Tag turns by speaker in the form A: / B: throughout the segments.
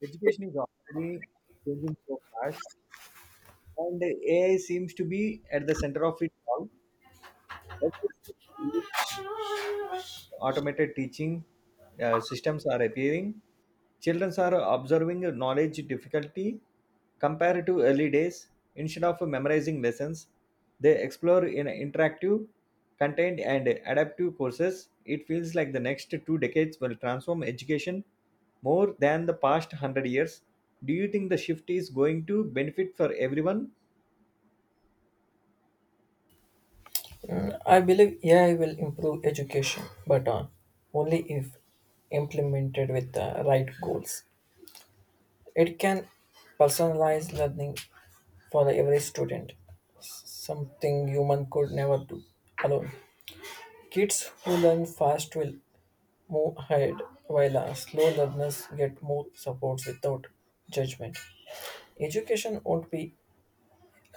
A: Education is already changing so fast, and AI seems to be at the center of it all. Automated teaching systems are appearing. Children are observing knowledge difficulty compared to early days. Instead of memorizing lessons, they explore in interactive, content and adaptive courses. It feels like the next two decades will transform education more than the past 100 years. Do you think the shift is going to benefit for everyone?
B: I believe AI will improve education, but only if implemented with the right goals. It can personalize learning for every student, something human could never do alone. Kids who learn fast will move ahead, while slow learners get more support without judgment. Education won't be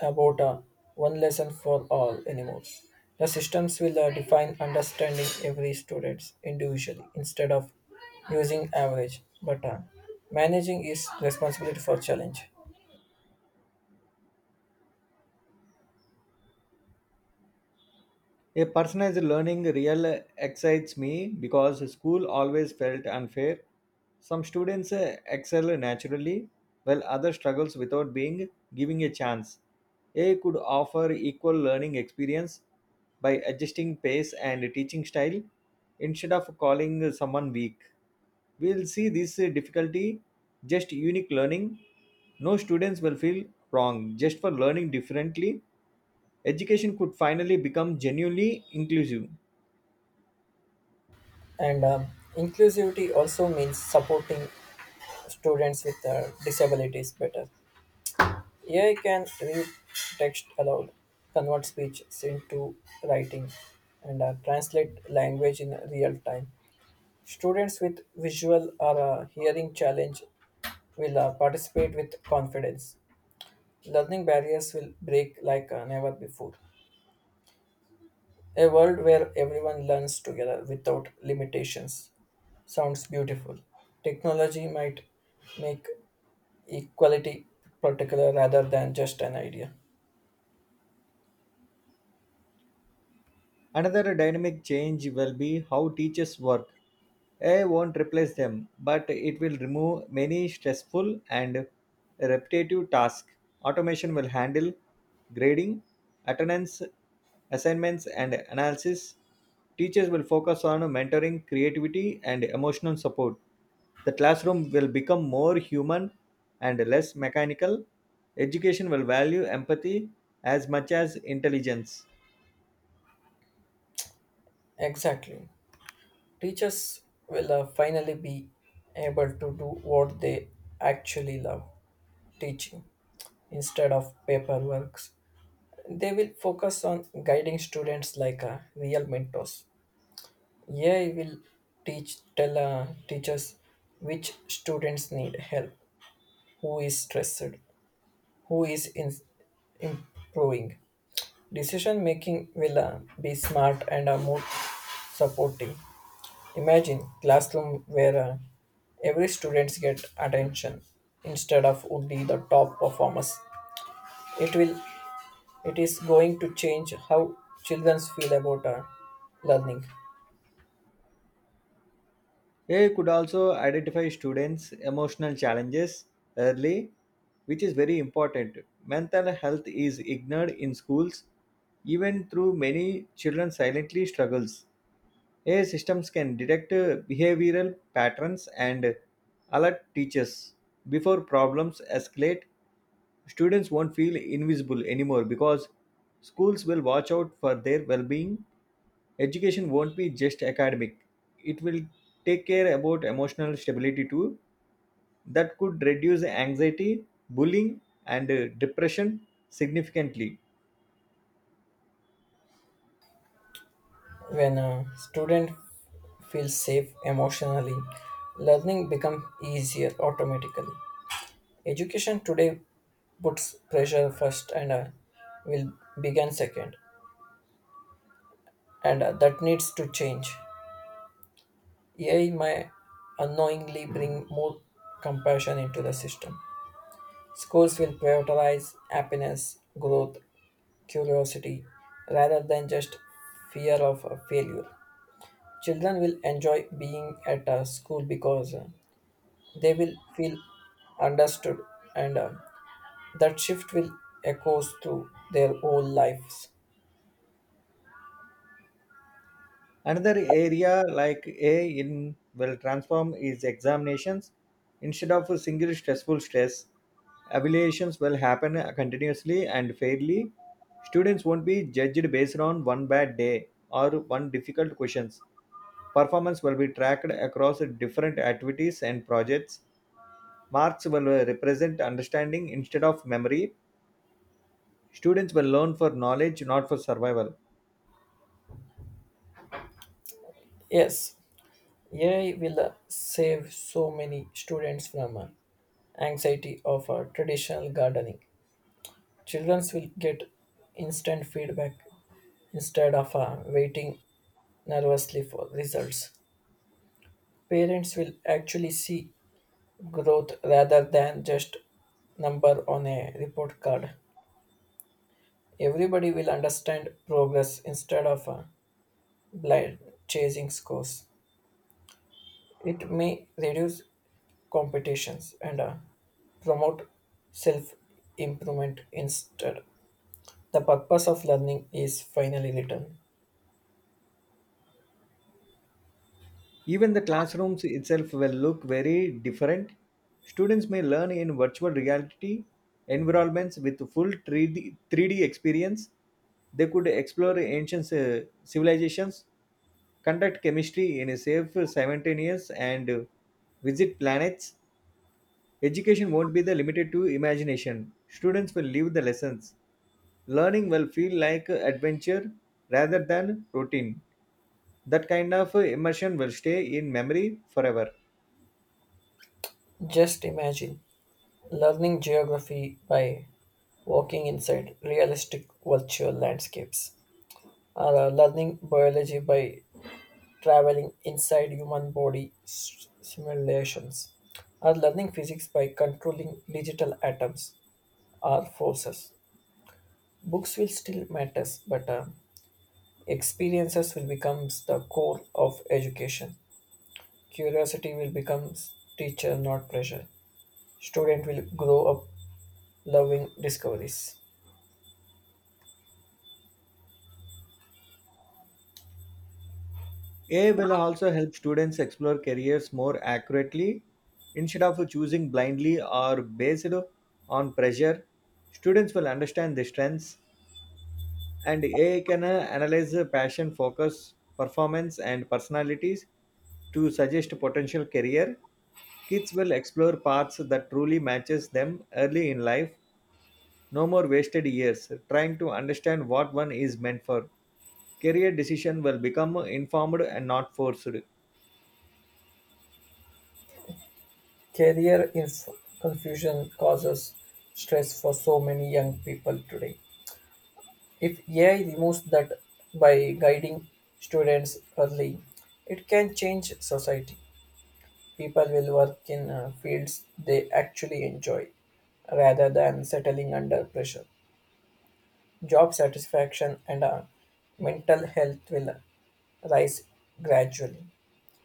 B: about one lesson for all anymore. The systems will define understanding every students individually instead of using average, but managing is responsibility for challenge.
A: A personalized learning real excites me because school always felt unfair. Some students excel naturally while others struggles without being given a chance. A could offer equal learning experience by adjusting pace and teaching style instead of calling someone weak. We'll see this difficulty just unique learning. No students will feel wrong just for learning differently. Education could finally become genuinely inclusive.
B: And Inclusivity also means supporting students with disabilities better. AI can read text aloud, convert speeches into writing, and translate language in real time. Students with visual or hearing challenge will participate with confidence. Learning barriers will break like never before. A world where everyone learns together without limitations sounds beautiful. Technology might make equality particular rather than just an idea.
A: Another dynamic change will be how teachers work. AI won't replace them, but it will remove many stressful and repetitive tasks. Automation will handle grading, attendance, assignments, and analysis. Teachers will focus on mentoring, creativity, and emotional support. The classroom will become more human and less mechanical. Education will value empathy as much as intelligence.
B: Exactly. Teachers will finally be able to do what they actually love teaching instead of paperwork. They will focus on guiding students like real mentors. AI will teachers which students need help, who is stressed, who is in, improving. Decision making will be smart and more supportive. Imagine classroom where every students get attention instead of only the top performers. It will it is going to change how children feel about learning.
A: AI could also identify students' emotional challenges early, which is very important. Mental health is ignored in schools, even through many children silently struggles. AI systems can detect behavioral patterns and alert teachers before problems escalate. Students won't feel invisible anymore because schools will watch out for their well-being. Education won't be just academic. It will take care about emotional stability too. That could reduce anxiety, bullying, and depression significantly.
B: When a student feels safe emotionally, learning becomes easier automatically. Education today puts pressure first and will begin second, and that needs to change. AI may unknowingly bring more compassion into the system. Schools will prioritize happiness, growth, curiosity rather than just fear of failure. Children will enjoy being at a school because they will feel understood, and that shift will echo through their whole lives.
A: Another area like A in will transform is examinations. Instead of a single stressful stress, evaluations will happen continuously and fairly. Students won't be judged based on one bad day or one difficult questions. Performance will be tracked across different activities and projects. Marks will represent understanding instead of memory. Students will learn for knowledge, not for survival.
B: Yes, AI will save so many students from anxiety of traditional gardening. Children will get instant feedback instead of waiting nervously for results. Parents will actually see growth rather than just number on a report card. Everybody will understand progress instead of blind chasing scores. It may reduce competitions and promote self improvement instead. The purpose of learning is finally written.
A: Even the classrooms itself will look very different. Students may learn in virtual reality environments with full 3D experience. They could explore ancient civilizations, conduct chemistry in a safe, simultaneous, and visit planets. Education won't be the limited to imagination. Students will live the lessons. Learning will feel like adventure rather than routine. That kind of immersion will stay in memory forever.
B: Just imagine learning geography by walking inside realistic virtual landscapes, or learning biology by traveling inside human body simulations, or learning physics by controlling digital atoms or forces. Books will still matters, but experiences will become the core of education. Curiosity will become teacher, not pressure. Student will grow up loving discoveries.
A: AI will also help students explore careers more accurately. Instead of choosing blindly or based on pressure, students will understand their strengths, and AI can analyze the passion, focus, performance, and personalities to suggest potential career. Kids will explore paths that truly matches them early in life. No more wasted years trying to understand what one is meant for. Career decision will become informed and not forced.
B: Career inf- Confusion causes stress for so many young people today. If AI removes that by guiding students early, it can change society. People will work in fields they actually enjoy rather than settling under pressure. Job satisfaction and mental health will rise gradually.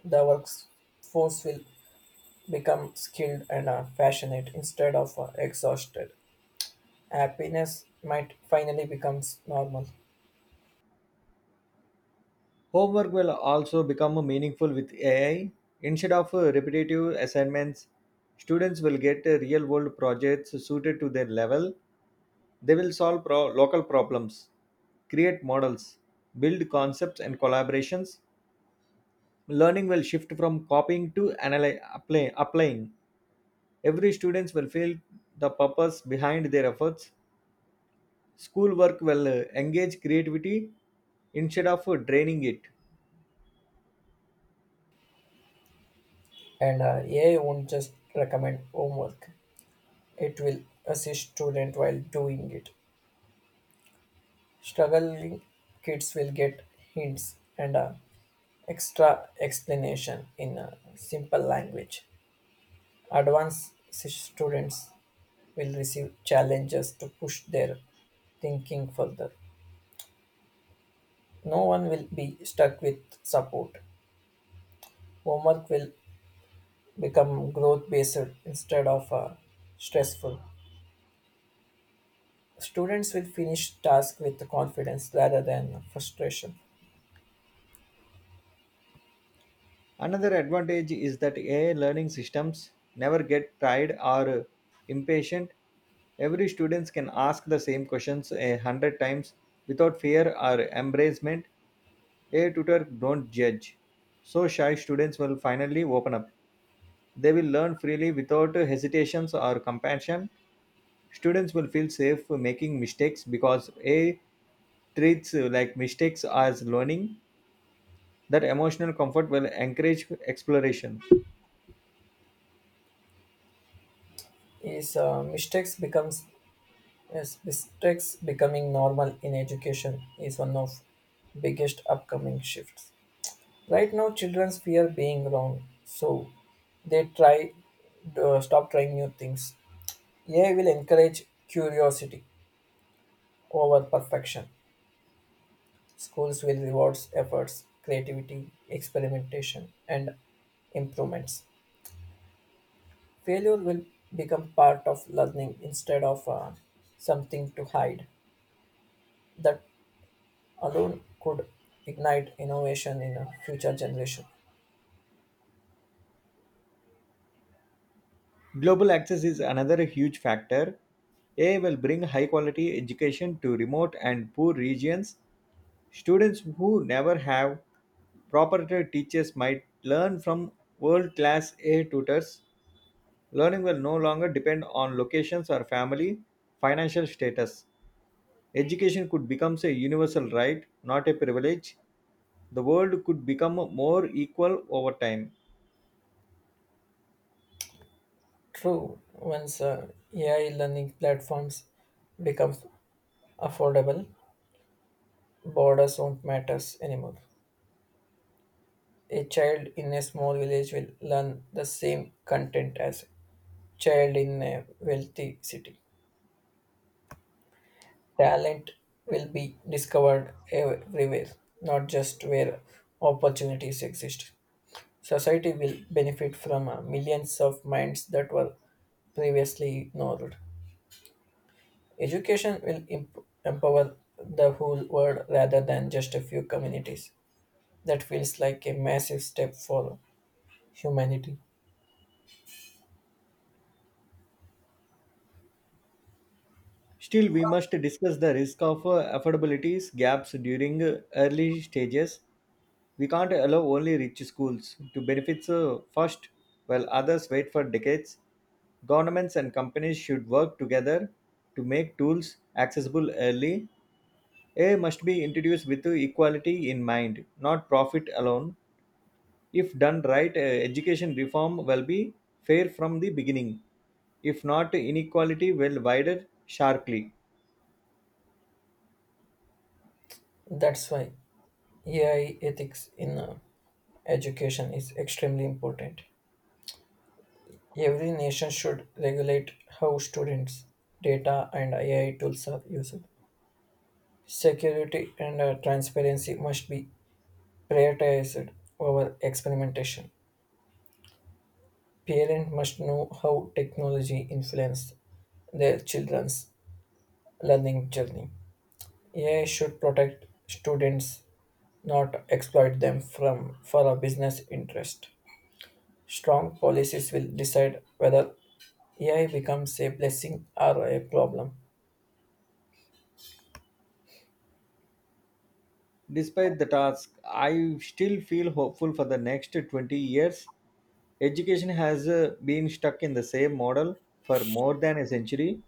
B: The workforce will become skilled and passionate instead of exhausted. Happiness might finally become normal,
A: Homework will also become meaningful with AI. Instead of repetitive assignments, students will get real-world projects suited to their level. They will solve local problems, create models, build concepts and collaborations. Learning will shift from copying to applying. Every student will feel the purpose behind their efforts. Schoolwork will engage creativity instead of draining it.
B: and AI won't just recommend homework, it will assist students while doing it. Struggling kids will get hints and a extra explanation in a simple language. Advanced students will receive challenges to push their thinking further. No one will be stuck with support. Homework will become growth based instead of stressful. Students will finish tasks with confidence rather than frustration.
A: Another advantage is that AI learning systems never get tired or impatient. Every student can ask the same questions a hundred times without fear or embarrassment. A tutor don't judge, so shy students will finally open up. They will learn freely without hesitations or compassion. Students will feel safe making mistakes because A treats like mistakes as learning. That emotional comfort will encourage exploration.
B: Is mistakes becomes Yes, mistakes becoming normal in education is one of biggest upcoming shifts. Right now, children fear being wrong, so they try stop trying new things. AI will encourage curiosity over perfection. Schools will reward efforts, creativity, experimentation, and improvements. Failure will become part of learning instead of something to hide. That alone could ignite innovation in a future generation.
A: Global access is another huge factor. A will bring high quality education to remote and poor regions. Students who never have proprietary teachers might learn from world class A I tutors. Learning will no longer depend on locations or family financial status. Education could become a universal right, not a privilege. The world could become more equal over time.
B: True, once AI learning platforms becomes affordable, borders won't matter anymore. A child in a small village will learn the same content as child in a wealthy city. Talent will be discovered everywhere, not just where opportunities exist. Society will benefit from millions of minds that were previously ignored. Education will empower the whole world rather than just a few communities. That feels like a massive step for humanity.
A: Still, we must discuss the risk of affordabilities gaps during early stages. We can't allow only rich schools to benefit first while others wait for decades. Governments and companies should work together to make tools accessible early. AI must be introduced with equality in mind, not profit alone. If done right, education reform will be fair from the beginning. If not, inequality will widen sharply.
B: That's why AI ethics in education is extremely important. Every nation should regulate how students, data, and AI tools are used. Security and transparency must be prioritized over experimentation. Parents must know how technology influences their children's learning journey. AI should protect students, not exploit them from for a business interest. Strong policies will decide whether AI becomes a blessing or a problem.
A: Despite the task, I still feel hopeful for the next 20 years. Education has been stuck in the same model for more than a century.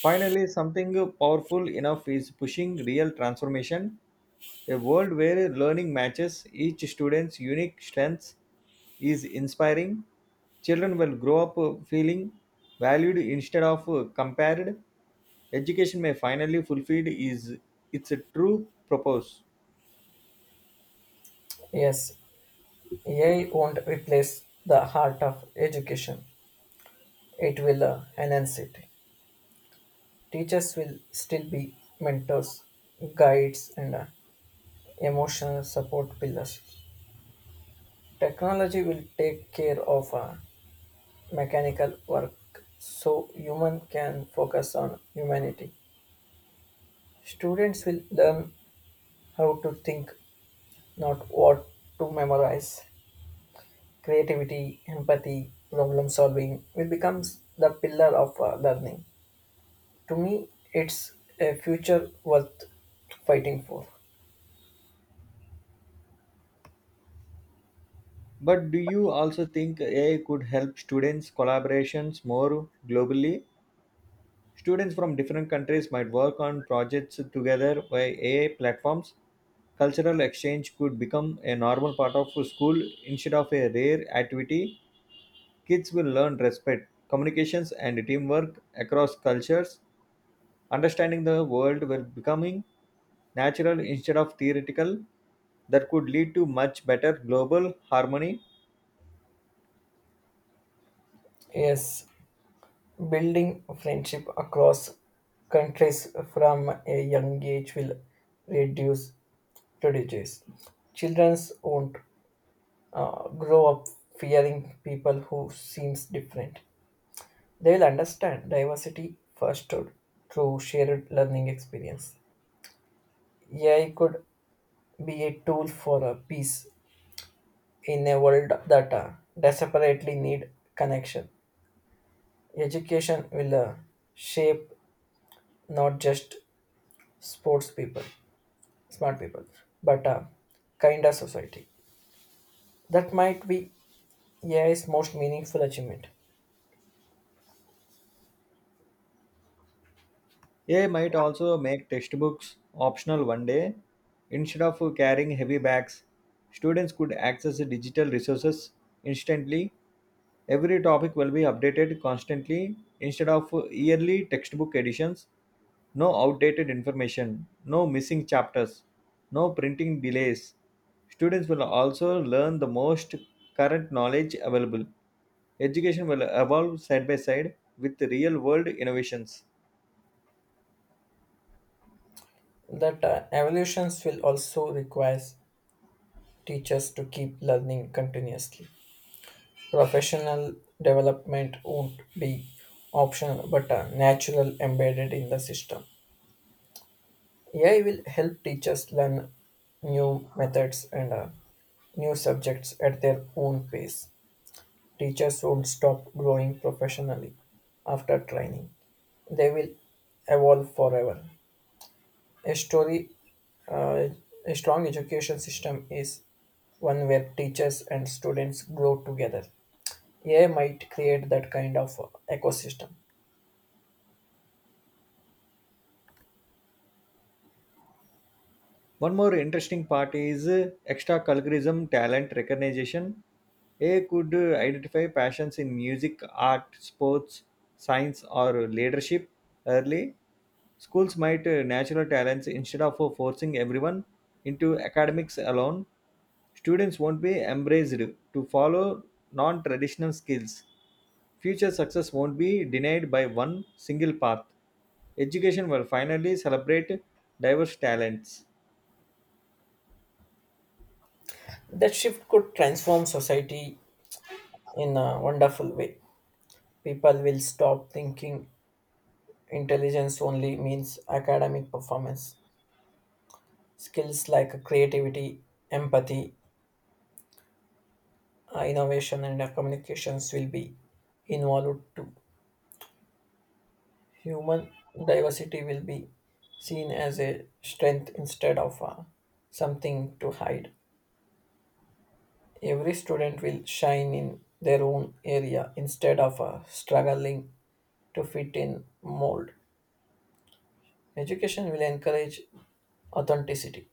A: Finally, something powerful enough is pushing real transformation. A world where learning matches each student's unique strengths is inspiring. Children will grow up feeling valued instead of compared. Education may finally fulfill is its true purpose.
B: Yes, AI won't replace the heart of education. It will enhance it. Teachers will still be mentors, guides, and emotional support pillars. Technology will take care of mechanical work so human can focus on humanity. Students will learn how to think, not what to memorize. Creativity, empathy, problem solving will become the pillar of learning. To me, it's a future worth fighting for.
A: But do you also think AI could help students' collaborations more globally? Students from different countries might work on projects together via AI platforms. Cultural exchange could become a normal part of school instead of a rare activity. Kids will learn respect, communications, and teamwork across cultures. Understanding the world will becoming natural instead of theoretical. That could lead to much better global harmony.
B: Yes, building friendship across countries from a young age will reduce prejudice. Children won't grow up fearing people who seems different. They will understand diversity first through shared learning experience. AI could be a tool for a peace in a world that desperately need connection. Education will shape not just sports people smart people, but a kinder society. That might be AI's most meaningful achievement.
A: AI might also make textbooks optional one day. Instead of carrying heavy bags, students could access the digital resources instantly. Every topic will be updated constantly instead of yearly textbook editions. No outdated information, no missing chapters, no printing delays. Students will also learn the most current knowledge available. Education will evolve side by side with real world innovations.
B: That evolutions will also require teachers to keep learning continuously. Professional development won't be optional but natural embedded in the system. AI will help teachers learn new methods and new subjects at their own pace. Teachers won't stop growing professionally after training. They will evolve forever. A story, uh, a strong education system is one where teachers and students grow together. AI might create that kind of ecosystem.
A: One more interesting part is extracurriculism talent recognition. A could identify passions in music, art, sports, science, or leadership early. Schools might natural talents instead of forcing everyone into academics alone. Students won't be embraced to follow non traditional skills. Future success won't be denied by one single path. Education will finally celebrate diverse talents.
B: That shift could transform society in a wonderful way. People will stop thinking intelligence only means academic performance. Skills like creativity, empathy, innovation and communications will be involved too. Human diversity will be seen as a strength instead of something to hide. Every student will shine in their own area instead of struggling to fit in mold. Education will encourage authenticity.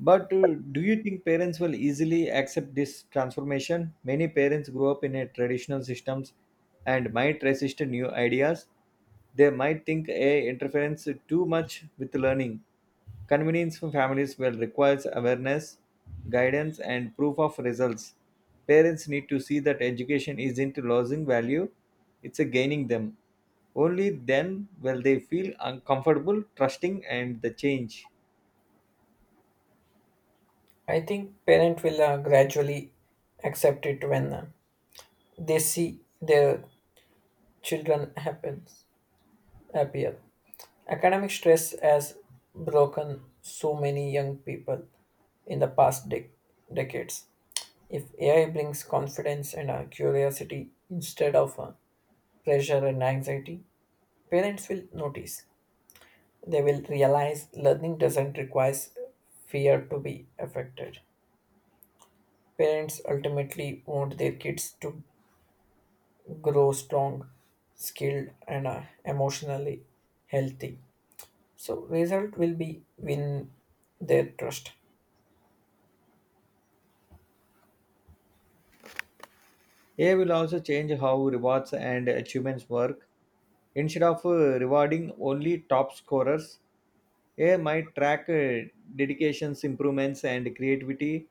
A: But do you think parents will easily accept this transformation? Many parents grow up in a traditional systems and might resist new ideas. They might think a interference too much with learning. Convenience for families will requires awareness, guidance, and proof of results. Parents need to see that education isn't losing value; it's a gaining them. Only then will they feel uncomfortable trusting and the change.
B: I think parents will gradually accept it when they see their children happens happier. Academic stress has broken so many young people in the past decades. If AI brings confidence and curiosity instead of pressure and anxiety, parents will notice. They will realize learning doesn't require fear to be affected. Parents ultimately want their kids to grow strong, skilled, and emotionally healthy. So result will be win their trust.
A: AI will also change how rewards and achievements work. Instead of rewarding only top scorers, AI might track dedications, improvements, and creativity.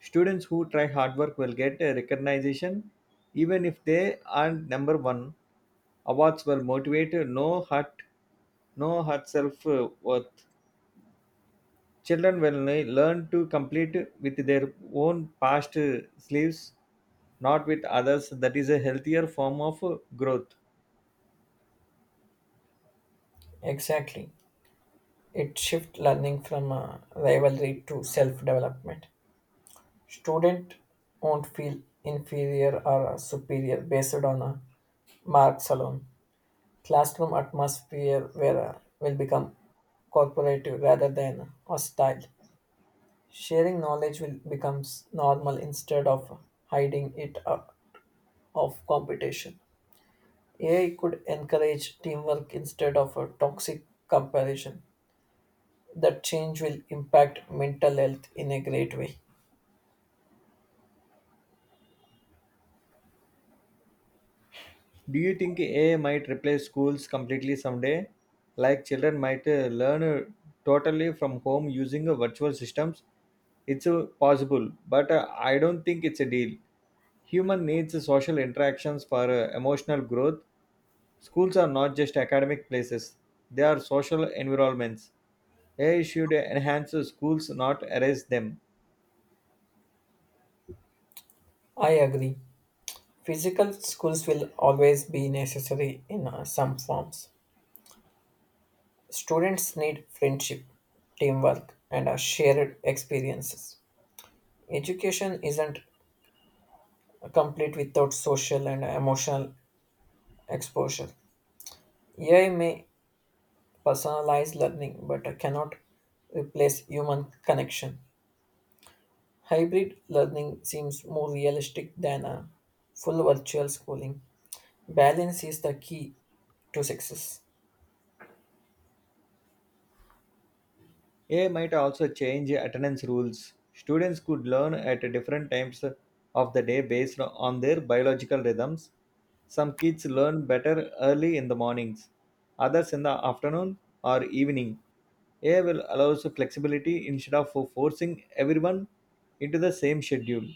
A: Students who try hard work will get a recognition even if they aren't number one. Awards will motivate no hurt self worth. Children will learn to complete with their own past sleeves, not with others. That is a healthier form of growth.
B: Exactly. It shifts learning from rivalry to self development. Student won't feel inferior or superior based on marks alone. Classroom atmosphere where will become cooperative rather than hostile. Sharing knowledge will becomes normal instead of hiding it of competition. AI could encourage teamwork instead of a toxic comparison. That change will impact mental health in a great way.
A: Do you think AI might replace schools completely someday? Like children might learn totally from home using virtual systems? It's possible, but I don't think it's a deal. Human needs social interactions for emotional growth. Schools are not just academic places, they are social environments. AI should enhance the schools, not erase them.
B: I agree. Physical schools will always be necessary in some forms. Students need friendship, teamwork, and shared experiences. Education isn't complete without social and emotional exposure. AI may personalize learning but cannot replace human connection. Hybrid learning seems more realistic than a full virtual schooling. Balance is the key to success.
A: AI might also change attendance rules. Students could learn at different times of the day based on their biological rhythms. Some kids learn better early in the mornings, others in the afternoon or evening. AI will allow us flexibility instead of forcing everyone into the same schedule.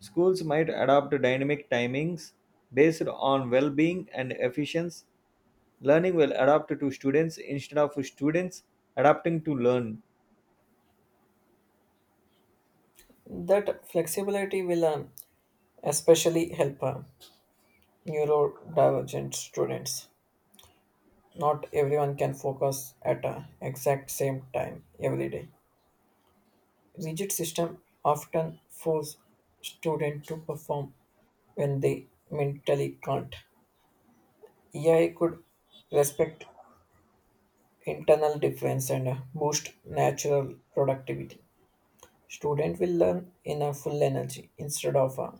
A: Schools might adopt dynamic timings based on well being and efficiency. Learning will adapt to students instead of students adapting to learn.
B: That flexibility will especially help neurodivergent students. Not everyone can focus at a exact same time every day. Rigid system often force students to perform when they mentally can't. AI could respect internal difference and boost natural productivity. Student will learn in a full energy instead of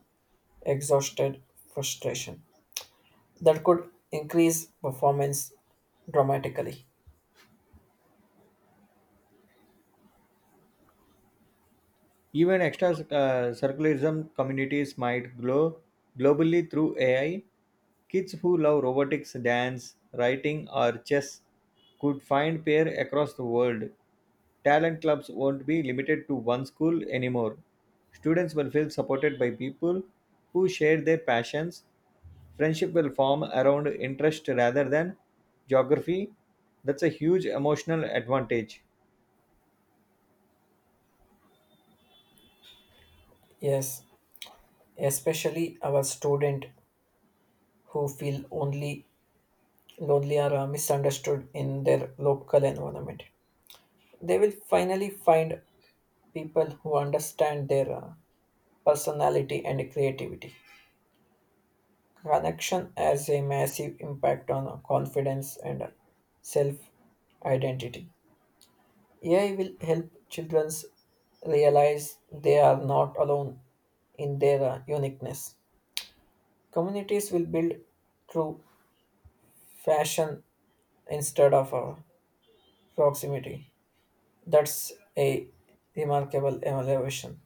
B: exhausted frustration that could increase performance dramatically.
A: Even extra circularism communities might grow globally through AI. Kids who love robotics, dance, writing, or chess could find pair across the world. Talent clubs won't be limited to one school anymore. Students will feel supported by people who share their passions. Friendship will form around interest rather than geography. That's a huge emotional advantage.
B: Yes, especially our student who feel only lonely or misunderstood in their local environment. They will finally find people who understand their personality and creativity. Connection has a massive impact on confidence and self identity. AI will help children realize they are not alone in their uniqueness. Communities will build through fashion instead of proximity. That's a remarkable evaluation.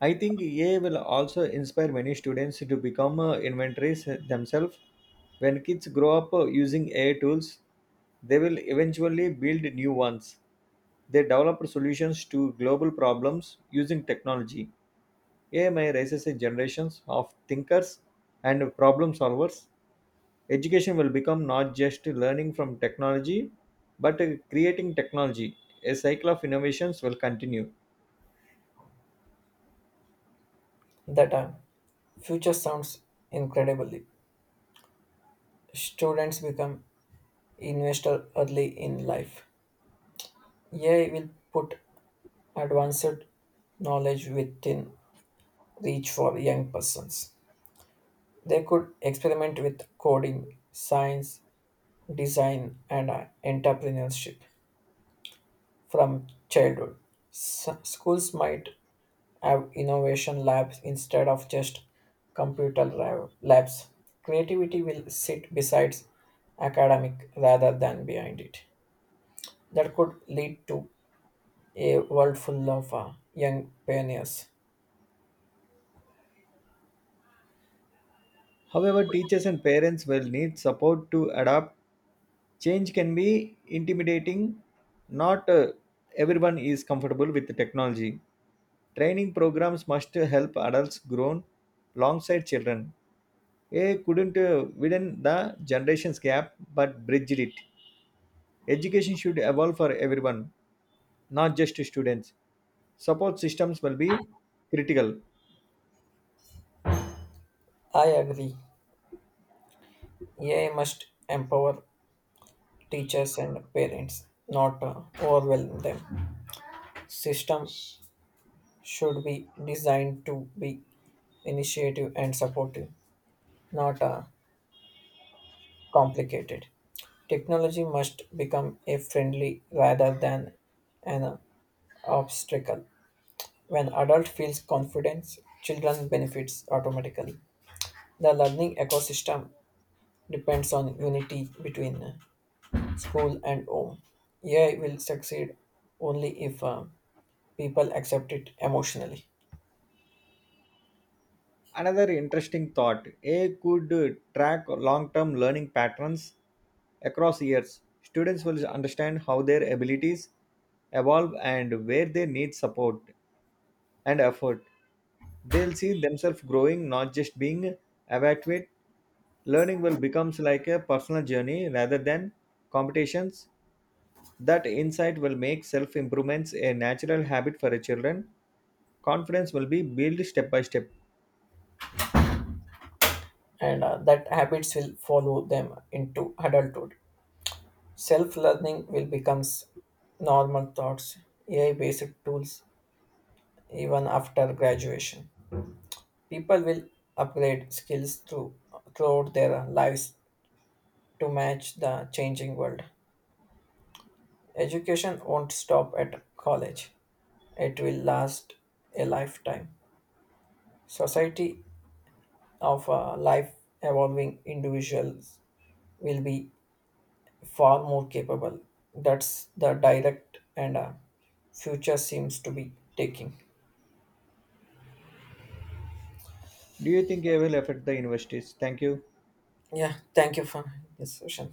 A: I think AI will also inspire many students to become inventories themselves. When kids grow up using AI tools, they will eventually build new ones. They develop solutions to global problems using technology. AI may raises a generations of thinkers and problem solvers. Education will become not just learning from technology, but creating technology. A cycle of innovations will continue.
B: That future sounds incredibly. Students become investor early in life. AI will put advanced knowledge within reach for young persons. They could experiment with coding, science, design, and entrepreneurship from childhood. Schools might have innovation labs instead of just computer labs. Creativity will sit besides academic rather than behind it. That could lead to a world full of young pioneers.
A: However, teachers and parents will need support to adapt. Change can be intimidating. Not everyone is comfortable with the technology. Training programs must help adults grown alongside children. A couldn't widen the generations gap but bridged it. Education should evolve for everyone, not just students. Support systems will be critical.
B: I agree. AI must empower teachers and parents, not overwhelm them. System should be designed to be initiative and supportive, not complicated. Technology must become a friendly rather than an obstacle. When adult feels confidence, children benefits automatically. The learning ecosystem depends on unity between school and home. AI will succeed only if people accept it emotionally.
A: Another interesting thought AI could track long term learning patterns across years. Students will understand how their abilities evolve and where they need support and effort. They'll see themselves growing, not just being evaluated. Learning will becomes like a personal journey rather than competitions. That insight will make self improvements a natural habit for a children. Confidence will be built step by step.
B: And that habits will follow them into adulthood. Self-learning will becomes normal thoughts, AI-based tools even after graduation. People will upgrade skills throughout their lives to match the changing world. Education won't stop at college. It will last a lifetime. Society of a life evolving individuals will be far more capable. That's the direct and future seems to be taking.
A: Do you think AI will affect the universities? Thank you.
B: Yeah, thank you for this session.